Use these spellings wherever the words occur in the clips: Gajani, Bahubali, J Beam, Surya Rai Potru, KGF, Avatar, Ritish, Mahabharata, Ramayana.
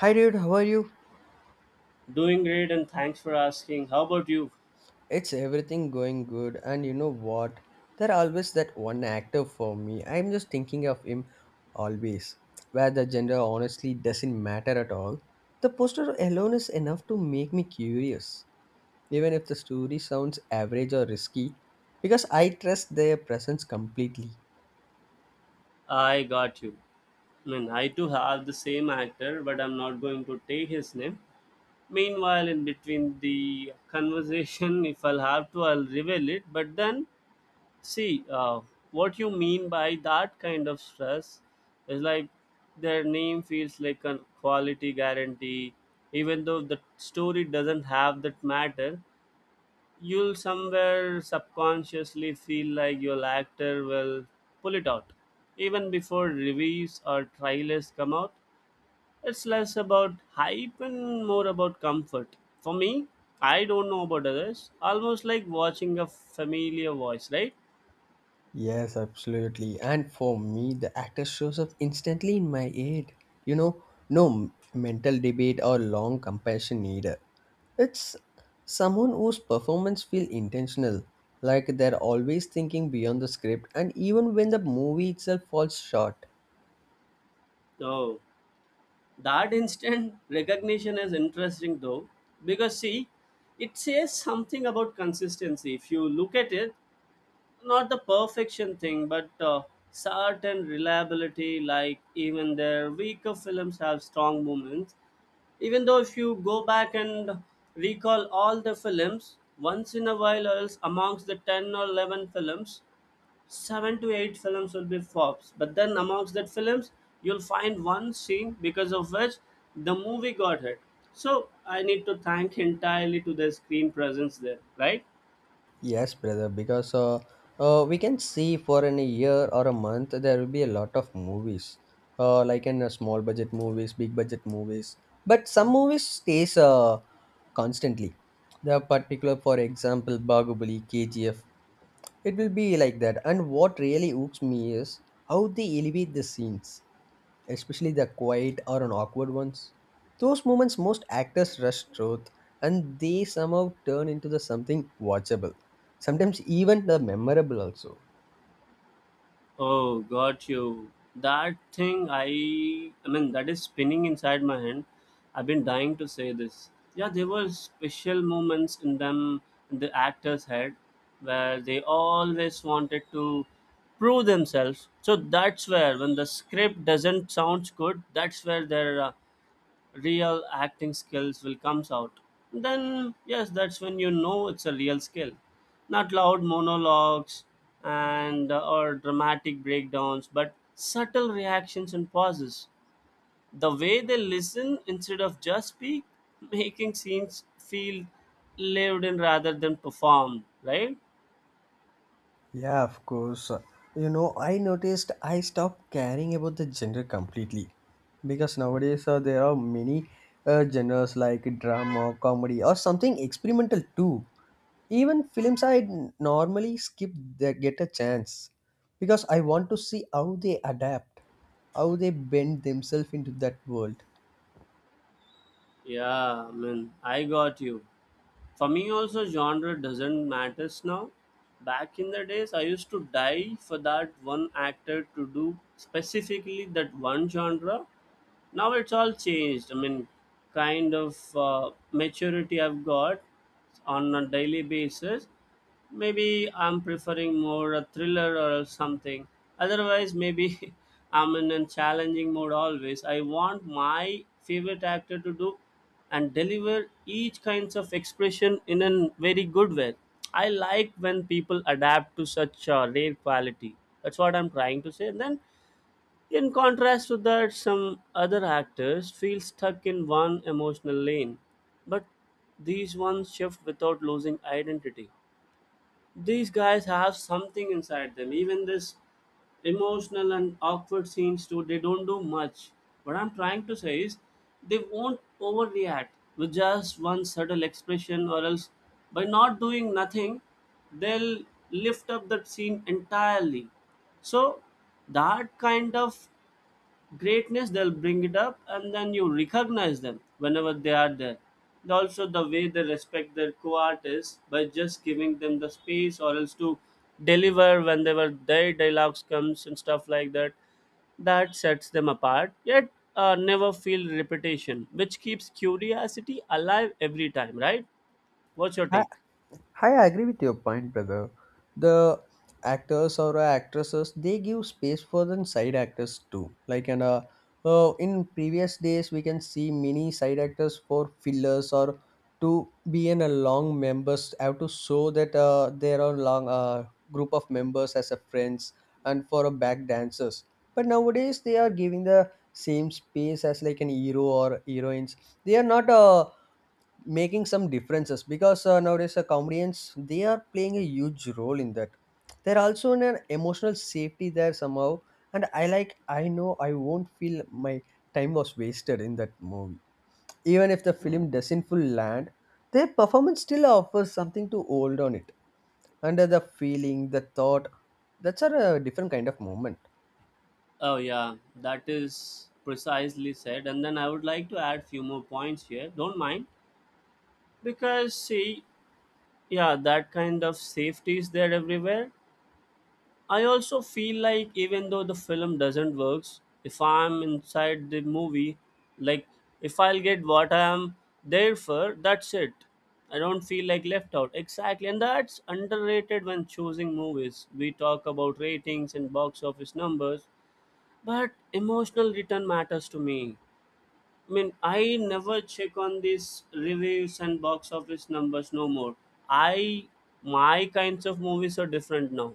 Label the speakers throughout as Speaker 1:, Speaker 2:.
Speaker 1: Hi dude, how are you?
Speaker 2: Doing great and thanks for asking. How about you?
Speaker 1: It's everything going good, and you know what? There are always that one actor for me. I'm just thinking of him always, where the gender honestly doesn't matter at all. The poster alone is enough to make me curious, even if the story sounds average or risky, because I trust their presence completely.
Speaker 2: I got you. I mean, I too have the same actor, but I'm not going to take his name. Meanwhile, in between the conversation, if I'll have to, I'll reveal it. But then, see, what you mean by that kind of stress is like their name feels like a quality guarantee, even though the story doesn't have that matter. You'll somewhere subconsciously feel like your actor will pull it out. Even before reviews or trailers come out, it's less about hype and more about comfort. For me, I don't know about others, almost like watching a familiar voice, right?
Speaker 1: Yes, absolutely. And for me, the actor shows up instantly in my head. You know, no mental debate or long comparison either. It's someone whose performance feels intentional, like they're always thinking beyond the script, and even when the movie itself falls short.
Speaker 2: Oh, that instant recognition is interesting though, because see, it says something about consistency. If you look at it, not the perfection thing, but certain reliability. Like even their weaker films have strong moments. Even though if you go back and recall all the films, once in a while, or else amongst the 10 or 11 films, seven to eight films will be flops. But then amongst that films, you'll find one scene because of which the movie got hit. So I need to thank entirely to their screen presence there, right?
Speaker 1: Yes, brother, because we can see for an year or a month there will be a lot of movies, like in small budget movies, big budget movies. But some movies stays constantly. The particular, for example, Bahubali, KGF, it will be like that. And what really hooks me is how they elevate the scenes, especially the quiet or an awkward ones. Those moments most actors rush truth and they somehow turn into the something watchable. Sometimes even the memorable also.
Speaker 2: Oh, got you. That thing I mean that is spinning inside my hand. I've been dying to say this. Yeah, there were special moments in them in the actors' head where they always wanted to prove themselves. So that's where when the script doesn't sound good, that's where their real acting skills will comes out, then yes, that's when you know it's a real skill, not loud monologues and or dramatic breakdowns, but subtle reactions and pauses, the way they listen instead of just speak, making scenes feel lived in rather than performed, right?
Speaker 1: Yeah, of course. You know, I noticed I stopped caring about the gender completely because nowadays there are many genres like drama, comedy, or something experimental too. Even films I normally skip, they get a chance because I want to see how they adapt, how they bend themselves into that world.
Speaker 2: Yeah, I mean, I got you. For me also, genre doesn't matters now. Back in the days I used to die for that one actor to do specifically that one genre. Now it's all changed. I mean, kind of maturity I've got on a daily basis. Maybe I'm preferring more a thriller or something. Otherwise maybe I'm in a challenging mode. Always I want my favorite actor to do and deliver each kinds of expression in a very good way. I like when people adapt to such rare quality. That's what I'm trying to say. And then in contrast to that, some other actors feel stuck in one emotional lane, but these ones shift without losing identity. These guys have something inside them. Even this emotional and awkward scenes too, they don't do much. What I'm trying to say is they won't overreact with just one subtle expression or else by not doing nothing, they'll lift up that scene entirely. So that kind of greatness they'll bring it up, and then you recognize them whenever they are there. And also the way they respect their co-artists by just giving them the space or else to deliver whenever their dialogues comes and stuff like that, that sets them apart, yet never feel repetition, which keeps curiosity alive every time, right? What's your take?
Speaker 1: I agree with your point, brother. The actors or actresses, they give space for the side actors too. Like and in previous days we can see many side actors for fillers or to be in a long members have to show that there are long group of members as a friends and for a back dancers. But nowadays they are giving the same space as like an hero or heroines. They are not making some differences because nowadays comedians, they are playing a huge role in that. They're also in an emotional safety there somehow, and I like, I know I won't feel my time was wasted in that movie, even if the film doesn't full land. Their performance still offers something to hold on it, under the feeling, the thought. That's a different kind of moment.
Speaker 2: Oh yeah, that is precisely said. And then I would like to add few more points here. Don't mind, because see, yeah, that kind of safety is there everywhere. I also feel like even though the film doesn't works, if I'm inside the movie, like, if I'll get what I'm there for, that's it. I don't feel like left out exactly, and that's underrated. When choosing movies we talk about ratings and box office numbers, but emotional return matters to me. I mean, I never check on these reviews and box office numbers no more. I, my kinds of movies are different now.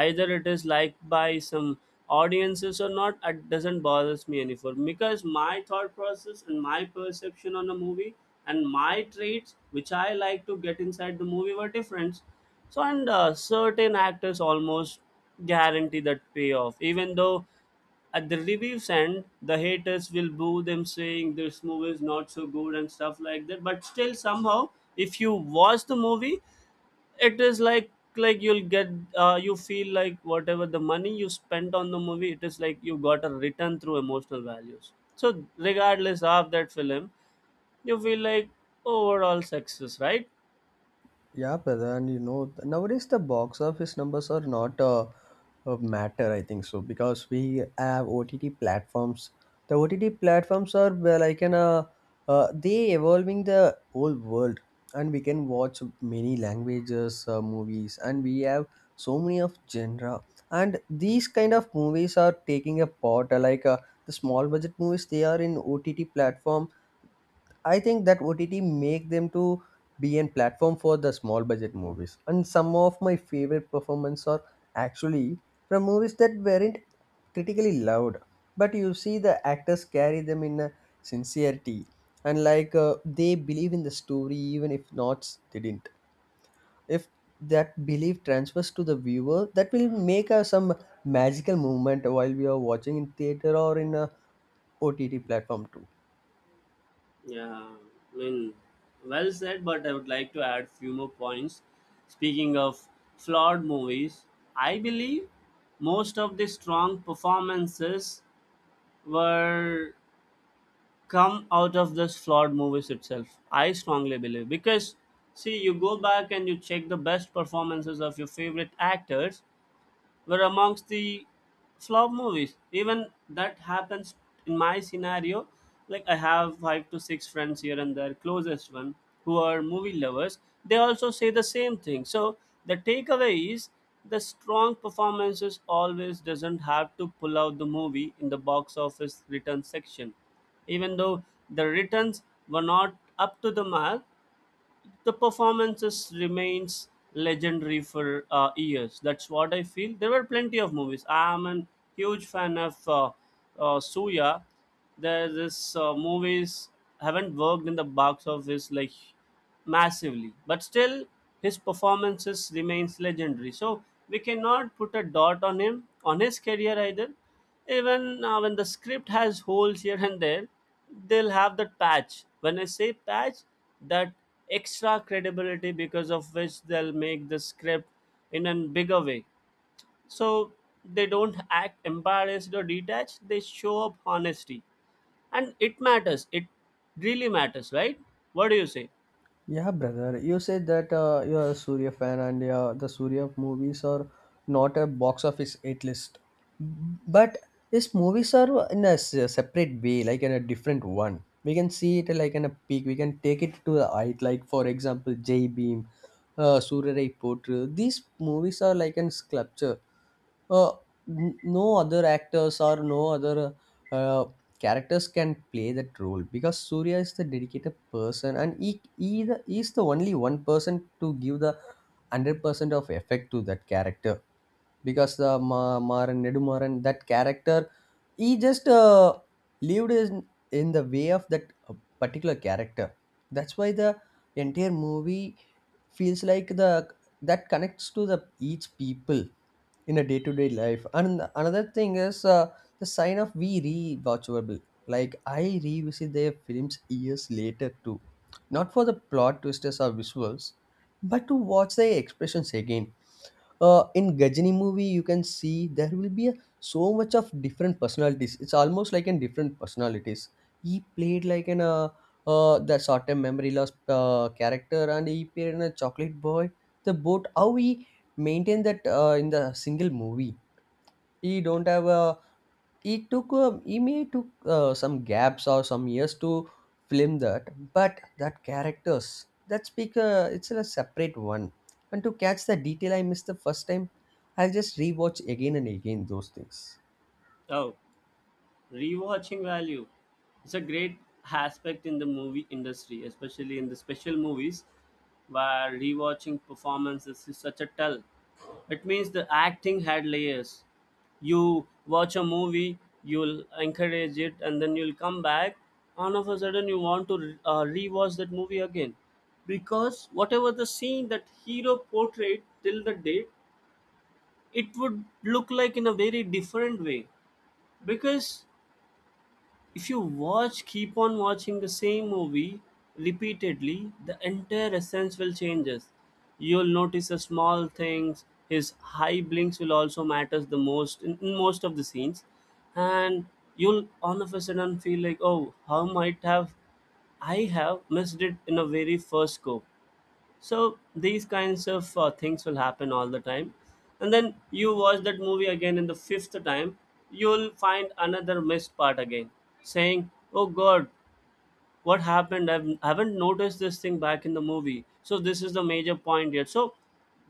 Speaker 2: Either it is liked by some audiences or not, it doesn't bothers me any for, because my thought process and my perception on a movie and my traits which I like to get inside the movie were different. So and certain actors almost guarantee that payoff, even though at the reviews end, the haters will boo them saying this movie is not so good and stuff like that. But still, somehow, if you watch the movie, it is like you'll get you feel like whatever the money you spent on the movie, it is like you got a return through emotional values, so regardless of that film, you feel like overall success, right?
Speaker 1: Yeah, brother, and you know nowadays the box office numbers are not a matter. I think so because we have OTT platforms. The OTT platforms are well, like an they evolving the whole world, and we can watch many languages, movies, and we have so many of genre. And these kind of movies are taking a part. Like the small budget movies, they are in OTT platform. I think that OTT make them to be a platform for the small budget movies. And some of my favorite performances are actually from movies that weren't critically loved, but you see the actors carry them in a sincerity, and like they believe in the story, even if not they didn't. If that belief transfers to the viewer, that will make some magical moment while we are watching in theater or in a OTT platform too.
Speaker 2: Yeah, I mean, well said, but I would like to add few more points. Speaking of flawed movies, I believe most of the strong performances were come out of this flawed movies itself. I strongly believe, because see, you go back and you check the best performances of your favorite actors were amongst the flop movies. Even that happens in my scenario. Like I have five to six friends here and there, closest one, who are movie lovers. They also say the same thing. So the takeaway is the strong performances always doesn't have to pull out the movie in the box office return section. Even though the returns were not up to the mark, the performances remains legendary for years. That's what I feel. There were plenty of movies I'm a huge fan of suya. There's this movies haven't worked in the box office like massively, but still his performances remains legendary. So we cannot put a dot on him on his career either, even when the script has holes here and there, they'll have that patch. When I say patch, that extra credibility because of which they'll make the script in a bigger way. So they don't act embarrassed or detached, they show up honesty. And it matters. It really matters, right? What do you say?
Speaker 1: Yeah, brother. You said that you are a Surya fan, and the Surya movies are not a box office hit list, but these movies are in a separate way, like in a different one. We can see it like in a peak. We can take it to the height. Like for example, J Beam, Surya Rai Potru. These movies are like in sculpture. uh, no other actors or no other uh, characters can play that role because Surya is the dedicated person and he is the only one person to give the 100% of effect to that character, because the Maran Nedumaran that character, he just lived in the way of that particular character. That's why the entire movie feels like the that connects to the each people in a day-to-day life. And another thing is, the sign of we rewatchable, like I revisit their films years later too, not for the plot twisters or visuals, but to watch their expressions again. In Gajani movie, you can see there will be a, so much of different personalities. It's almost like in different personalities. He played like an the short-term memory loss character, and he played in a chocolate boy. The boat, how he maintained that in the single movie. He don't have a, it took Ime took some gaps or some years to film that, but that characters that speak it's a separate one. And to catch the detail I missed the first time, I'll just rewatch again and again those things.
Speaker 2: Oh. Rewatching value. It's a great aspect in the movie industry, especially in the special movies, where rewatching performances is such a tell. It means the acting had layers. You watch a movie, you'll encourage it, and then you'll come back. All of a sudden, you want to rewatch that movie again, because whatever the scene that hero portrayed till the date, it would look like in a very different way, because if you watch, keep on watching the same movie repeatedly, the entire essence will changes. You'll notice the small things, his high blinks will also matters the most in most of the scenes. And you'll all of a sudden feel like, oh, how might have I have missed it in a very first go. So these kinds of things will happen all the time. And then you watch that movie again in the fifth time, you'll find another missed part again, saying, "Oh God, what happened? I haven't noticed this thing back in the movie. So this is the major point here." So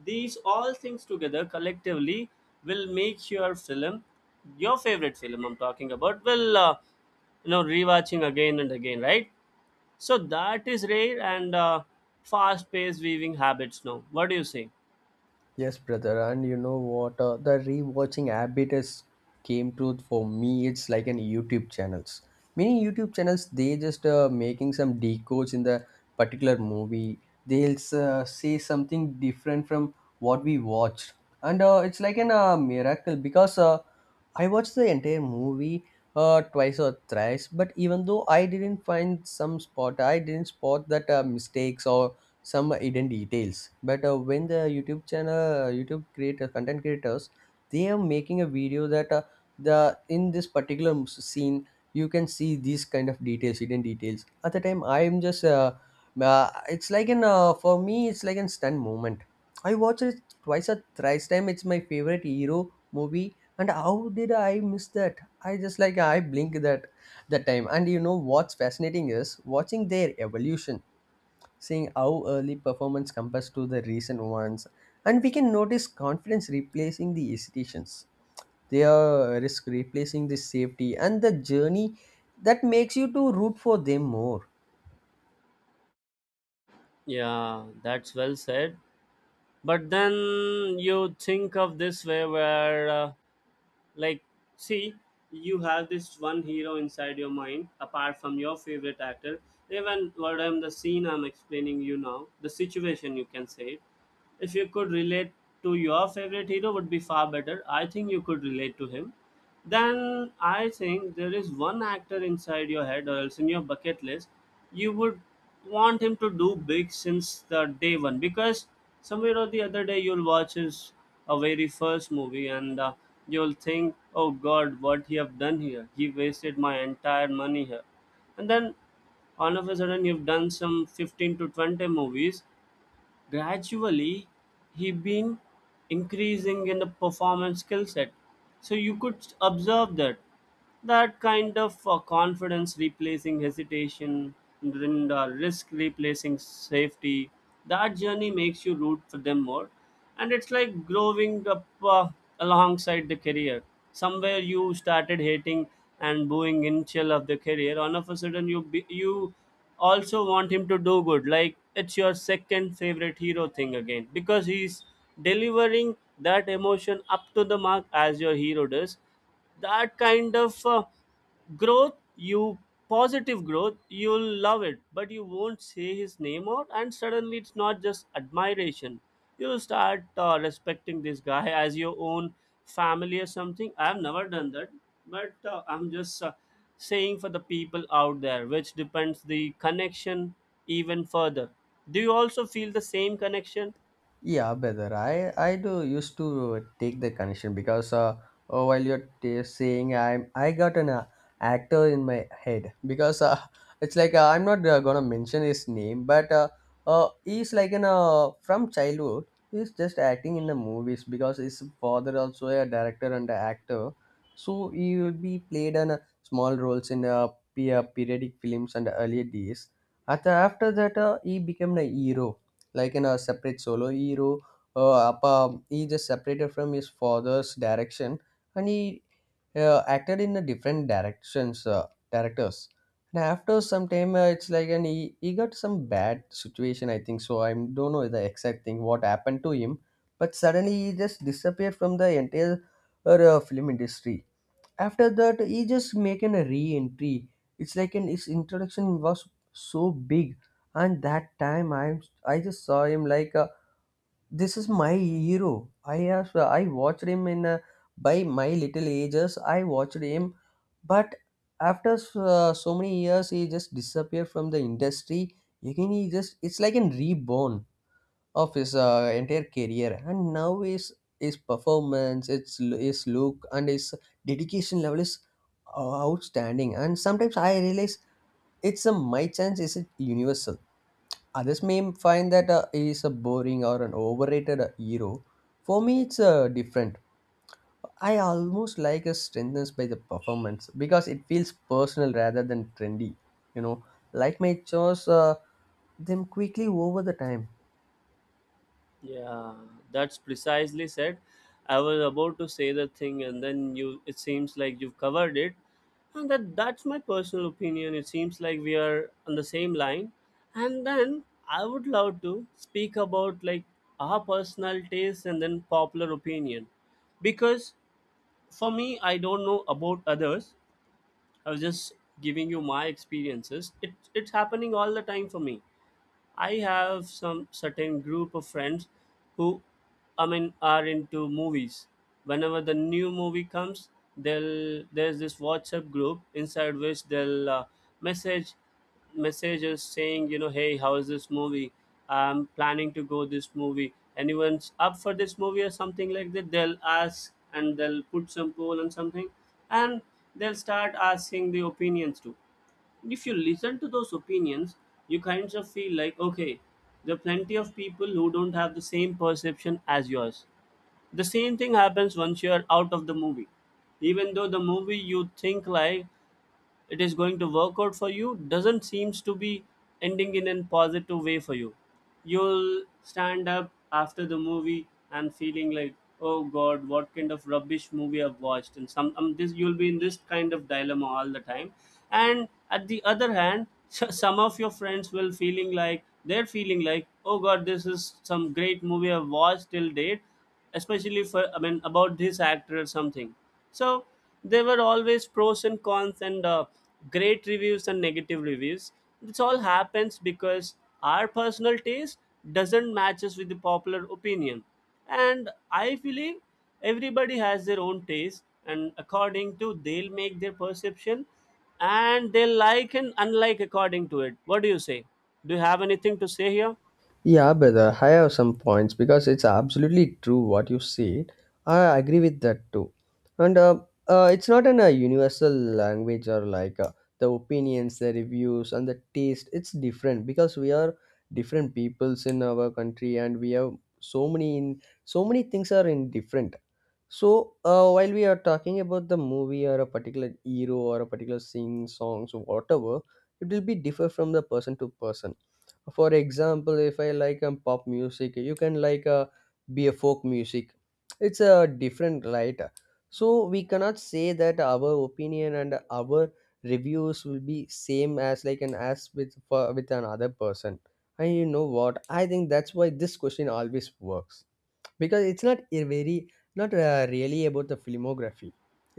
Speaker 2: these all things together collectively will make your film, your favorite film, I'm talking about, will rewatching again and again, right? So that is rare and fast paced weaving habits now. What do you say?
Speaker 1: Yes, brother, and you know what? The rewatching habit has came to for me. It's like an YouTube channels. Many YouTube channels, they just making some decodes in the particular movie. They'll say something different from what we watched, and it's like an miracle because I watched the entire movie twice or thrice. But even though I didn't find some spot, I didn't spot that mistakes or some hidden details. But when the YouTube channel, YouTube creator, content creators, they are making a video that the in this particular scene you can see these kind of details, hidden details, at the time I am just it's like an for me, it's like an stun moment. I watched it twice or thrice time, it's my favorite hero movie, and how did I miss that? I just like I blink that that time. And you know what's fascinating is watching their evolution, seeing how early performance compares to the recent ones. And we can notice confidence replacing the hesitations. Their risk replacing the safety and the journey, that makes you to root for them more.
Speaker 2: Yeah, that's well said. But then you think of this way where, like, see, you have this one hero inside your mind, apart from your favorite actor. Even what I'm the scene I'm explaining you now, the situation you can say it. If you could relate to your favorite hero would be far better. I think you could relate to him. Then I think there is one actor inside your head or else in your bucket list. You would want him to do big since the day one, because somewhere or the other day you'll watch his a very first movie and you'll think, oh god, what he have done here, he wasted my entire money here. And then all of a sudden you've done some 15 to 20 movies. Gradually he been increasing in the performance skill set. So you could observe that, that kind of confidence replacing hesitation, and risk replacing safety, that journey makes you root for them more. And it's like growing up alongside the career. Somewhere you started hating and booing in chill of the career, all of a sudden you also want him to do good, like it's your second favorite hero thing again, because he's delivering that emotion up to the mark as your hero does. That kind of growth, you positive growth, you'll love it, but you won't say his name out. And suddenly it's not just admiration, you'll start respecting this guy as your own family or something. I've never done that, but I'm just saying for the people out there, which depends the connection even further. Do you also feel the same connection?
Speaker 1: Yeah, better. I do used to take the connection because oh, while you're saying, I got an actor in my head because it's like I'm not gonna mention his name, but he's like an from childhood. He's just acting in the movies because his father also a director and a actor, so he will be played an small roles in periodic films and earlier days. After that, he became a hero like in a separate solo hero. He just separated from his father's direction, and he acted in a different directions, directors. And after some time, it's like he got some bad situation, I think. So I don't know the exact thing what happened to him, but suddenly he just disappeared from the entire film industry. After that, he just making a re-entry. It's like an his introduction was so big, and that time I just saw him like this is my hero. I watched him in by my little ages I watched him. But after so many years he just disappeared from the industry. Again he just, it's like an reborn of his entire career. And now his performance, its his look and his dedication level is outstanding. And sometimes I realize it's a my chance, is it universal? Others may find that he is a boring or an overrated hero. For me it's different. I almost like a strengthness by the performance because it feels personal rather than trendy, you know. Like my chores them quickly over the time.
Speaker 2: Yeah, that's precisely said. I was about to say the thing, and then you. It seems like you've covered it, and that's my personal opinion. It seems like we are on the same line, and then I would love to speak about like our personal taste and then popular opinion, because for me, I don't know about others. I was just giving you my experiences. It's happening all the time for me. I have some certain group of friends who, I mean, are into movies. Whenever the new movie comes, they'll there's this WhatsApp group inside which they'll message messages saying, hey, how is this movie? I'm planning to go this movie. Anyone's up for this movie or something like that? They'll ask and they'll put some poll and something, and they'll start asking the opinions too. If you listen to those opinions, you kind of feel like, okay, there are plenty of people who don't have the same perception as yours. The same thing happens once you're out of the movie. Even though the movie you think like it is going to work out for you doesn't seems to be ending in a positive way for you, you'll stand up after the movie and feeling like, oh god, what kind of rubbish movie I've watched, and some this you'll be in this kind of dilemma all the time. And at the other hand some of your friends will feeling like they're feeling like, oh god, this is some great movie I've watched till date, especially for I mean about this actor or something. So there were always pros and cons and great reviews and negative reviews. This all happens because our personal taste doesn't matches with the popular opinion. And I believe everybody has their own taste and according to they'll make their perception, and they like and unlike according to it. What do you say? Do you have anything to say here?
Speaker 1: Yeah, brother, I have some points because it's absolutely true what you said. I agree with that too. And it's not an, a universal language or like the opinions, the reviews, and the taste. It's different because we are different peoples in our country, and we have so many in so many things are in different. While we are talking about the movie or a particular hero or a particular sing songs or whatever, it will be differ from the person to person. For example, if I like pop music, you can like be a folk music. It's a different, right? So we cannot say that our opinion and our reviews will be same as like an as with with another person. And you know what, I think that's why this question always works, because it's not a very not really about the filmography.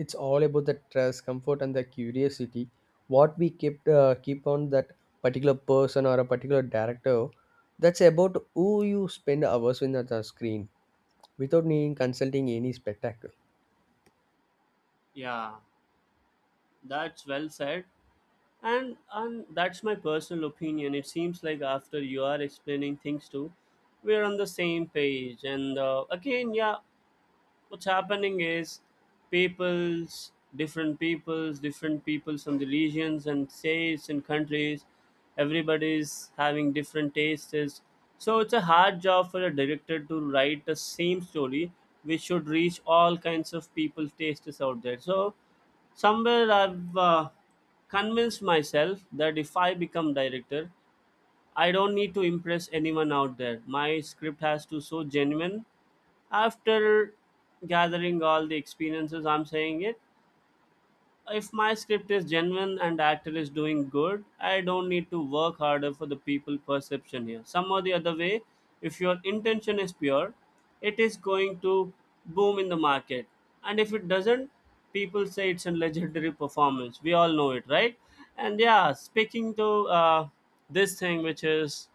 Speaker 1: It's all about the trust comfort and the curiosity what we keep keep on that particular person or a particular director. That's about who you spend hours in the screen without needing consulting any spectacle.
Speaker 2: Yeah, that's well said. And that's my personal opinion. It seems like after you are explaining things too, we're on the same page, and again, yeah. What's happening is, peoples different peoples different peoples from the regions and states and countries, everybody's having different tastes. So it's a hard job for a director to write the same story which should reach all kinds of people's tastes out there. So somewhere I've convinced myself that if I become director, I don't need to impress anyone out there. My script has to so genuine. After gathering all the experiences, I'm saying it. If my script is genuine and the actor is doing good, I don't need to work harder for the people perception here. Some or the other way, if your intention is pure, it is going to boom in the market. And if it doesn't, people say it's a legendary performance. We all know it, right? And yeah, speaking to this thing, which is,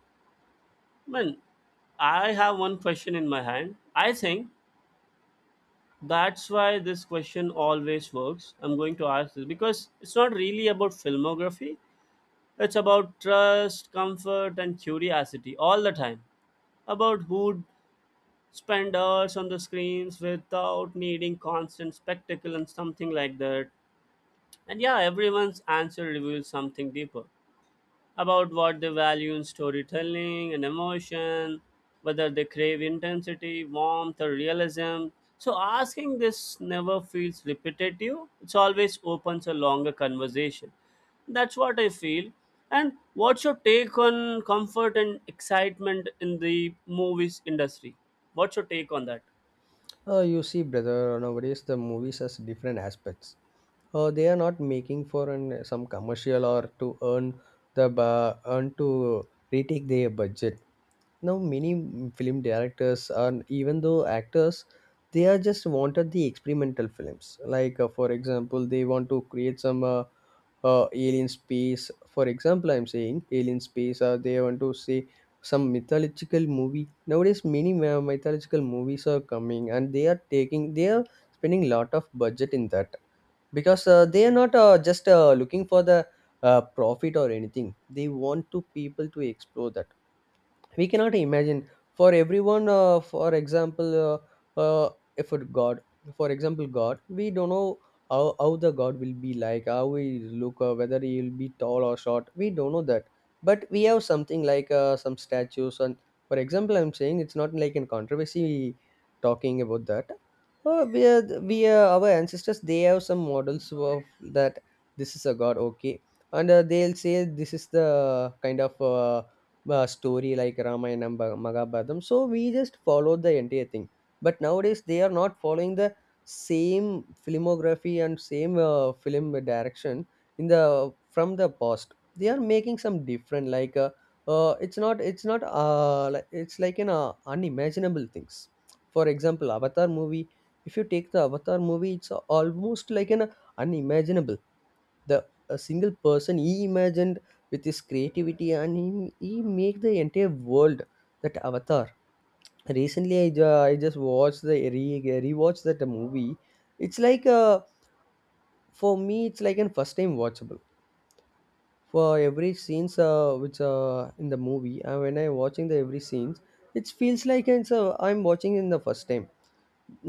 Speaker 2: man, I have one question in my hand. I think that's why this question always works. I'm going to ask this because it's not really about filmography, it's about trust, comfort, and curiosity all the time. About who'd spend hours on the screens without needing constant spectacle and something like that. And yeah, everyone's answer reveals something deeper about what they value in storytelling and emotion, whether they crave intensity, warmth, or realism. So asking this never feels repetitive. It's always opens a longer conversation. That's what I feel. And what's your take on comfort and excitement in the movies industry? What's your take on that?
Speaker 1: You see, brother, nowadays the movies has different aspects. They are not making for an some commercial or to earn the earn to retake their budget. Now many film directors and even though actors, they are just wanted the experimental films. Like for example, they want to create some alien space. For example, I'm saying alien space, or they want to say some mythological movie. Nowadays many mythological movies are coming and they are taking, they are spending lot of budget in that, because they are not just looking for the profit or anything. They want to people to explore that we cannot imagine for everyone. For example, if it god, for example, god, we don't know how the god will be like, how he look, whether he will be tall or short, we don't know that. But we have something like some statues and, for example, I'm saying it's not like in controversy talking about that. We are, our ancestors, they have some models of that. This is a god, okay? And they'll say this is the kind of story like Ramayana, Mahabharatam. So we just followed the entire thing. But nowadays they are not following the same filmography and same film direction in the from the past. They are making some different, like it's not it's like an unimaginable things. For example, Avatar movie. If you take the Avatar movie, it's almost like an unimaginable, the a single person he imagined with his creativity and he make the entire world, that avatar. Recently I just watched the rewatched that movie. It's like for me it's like a first time watchable for every scenes, which in the movie, and when I watching the every scenes, it feels like it's I'm watching in the first time.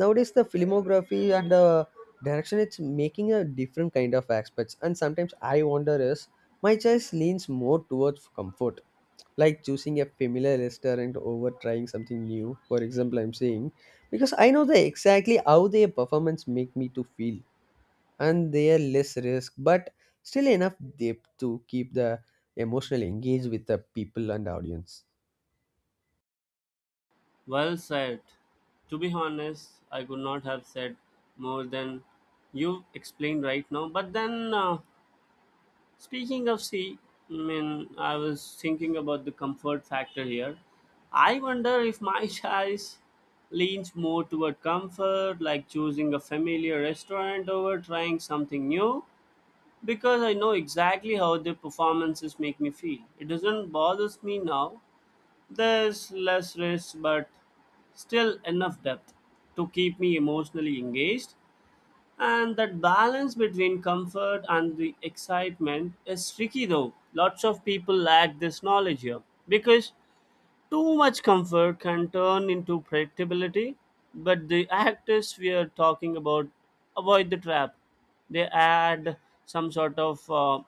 Speaker 1: Nowadays the filmography and the direction, it's making a different kind of aspects, and sometimes I wonder is my choice leans more towards comfort, like choosing a familiar restaurant over trying something new. For example, I'm saying, because I know the exactly how their performance make me to feel, and they are less risk but still enough depth to keep the emotional engaged with the people and audience.
Speaker 2: Well said. To be honest, I could not have said more than you explained right now. But then Speaking of sea, I mean, I was thinking about the comfort factor here. I wonder if my choice leans more toward comfort, like choosing a familiar restaurant over trying something new, because I know exactly how the performances make me feel. It doesn't bother me now. There's less risk, but still enough depth to keep me emotionally engaged. And that balance between comfort and the excitement is tricky though. Lots of people lack this knowledge here because too much comfort can turn into predictability. But the actors we are talking about avoid the trap. They add some sort of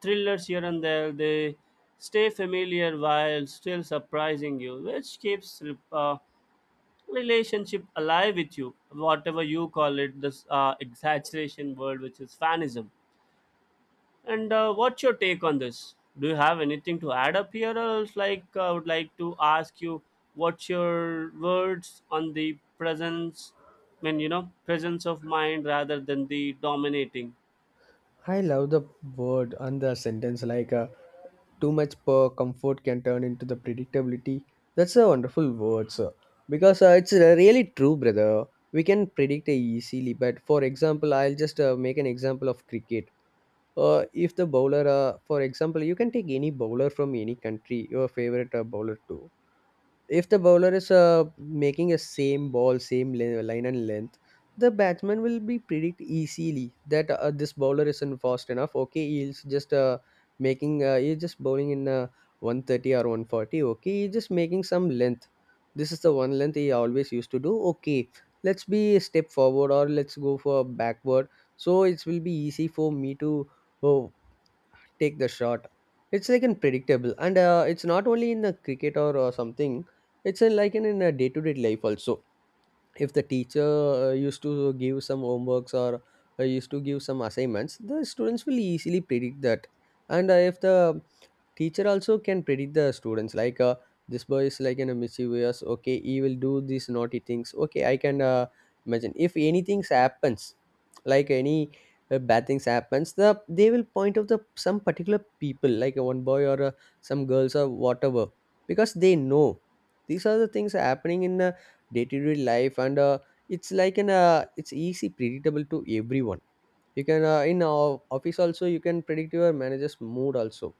Speaker 2: thrillers here and there. They stay familiar while still surprising you, which keeps uh, relationship alive with you, whatever you call it, this exaggeration word which is fanism. And what's your take on this? Do you have anything to add up here, or else like I would like to ask you, what's your words on the presence? I mean, you know, presence of mind rather than the dominating.
Speaker 1: I love the word and the sentence like too much per comfort can turn into the predictability. That's a wonderful word, sir. Because it's really true, brother. We can predict easily. But for example, I'll just make an example of cricket. If the bowler, for example, you can take any bowler from any country, your favorite bowler too. If the bowler is making a same ball same line and length, the batsman will be predict easily that this bowler isn't fast enough, okay, he's just making he's just bowling in 130 or 140, okay, he's just making some length. This is the one length he always used to do, okay, let's be a step forward or let's go for backward. So it will be easy for me to uh, take the shot. It's like an predictable, and it's not only in the cricket or something. It's in, in a day-to-day life also. If the teacher used to give some homeworks or used to give some assignments, the students will easily predict that. And if the teacher also can predict the students like this boy is like in a mischievous, okay, he will do these naughty things, okay, I can imagine if anything happens, like any bad things happens, the they will point out the some particular people like one boy or some girls or whatever, because they know these are the things happening in day-to-day life. And it's like an it's easy predictable to everyone. You can in our office also, you can predict your manager's mood also.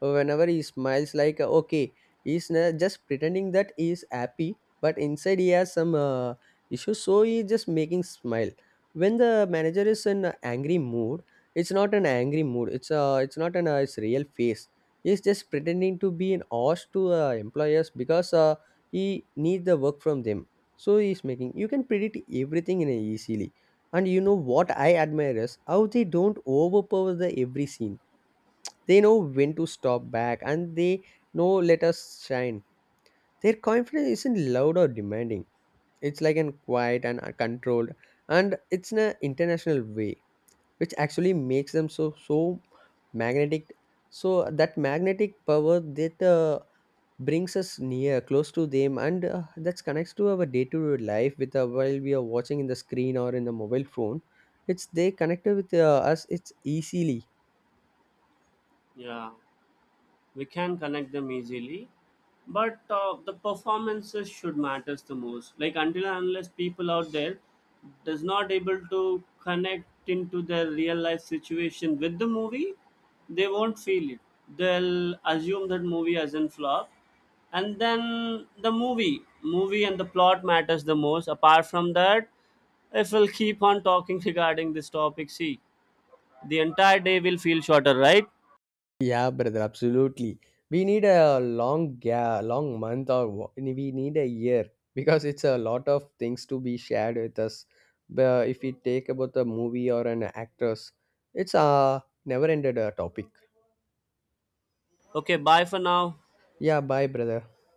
Speaker 1: Whenever he smiles like okay, just pretending that he is happy, but inside he has some issues, so he just making smile. When the manager is in a angry mood, it's not an angry mood, it's not an his real face. He's just pretending to be an ass to employers, because he need the work from them. So he's making, you can predict everything in a easily. And you know what I admire is how they don't overpower the every scene. They know when to stop back and they know let us shine. Their confidence isn't loud or demanding. It's like an quiet and controlled, and it's in an international way, which actually makes them so so magnetic. So that magnetic power that brings us near close to them, and that connects to our day-to-day life with while we are watching in the screen or in the mobile phone. It's they connected with us, it's easily.
Speaker 2: Yeah, we can connect them easily, but the performances should matters the most. Like until and unless people out there does not able to connect into their real life situation with the movie, they won't feel it. They'll assume that movie as in flop. And then the movie and the plot matters the most. Apart from that, if we'll keep on talking regarding this topic, see, the entire day will feel shorter, right?
Speaker 1: Yeah, brother, absolutely. We need a long, yeah, long month or we need a year, because it's a lot of things to be shared with us. But if we take about a movie or an actress, it's a never ended topic.
Speaker 2: Okay, bye for now.
Speaker 1: Yeah, bye, brother.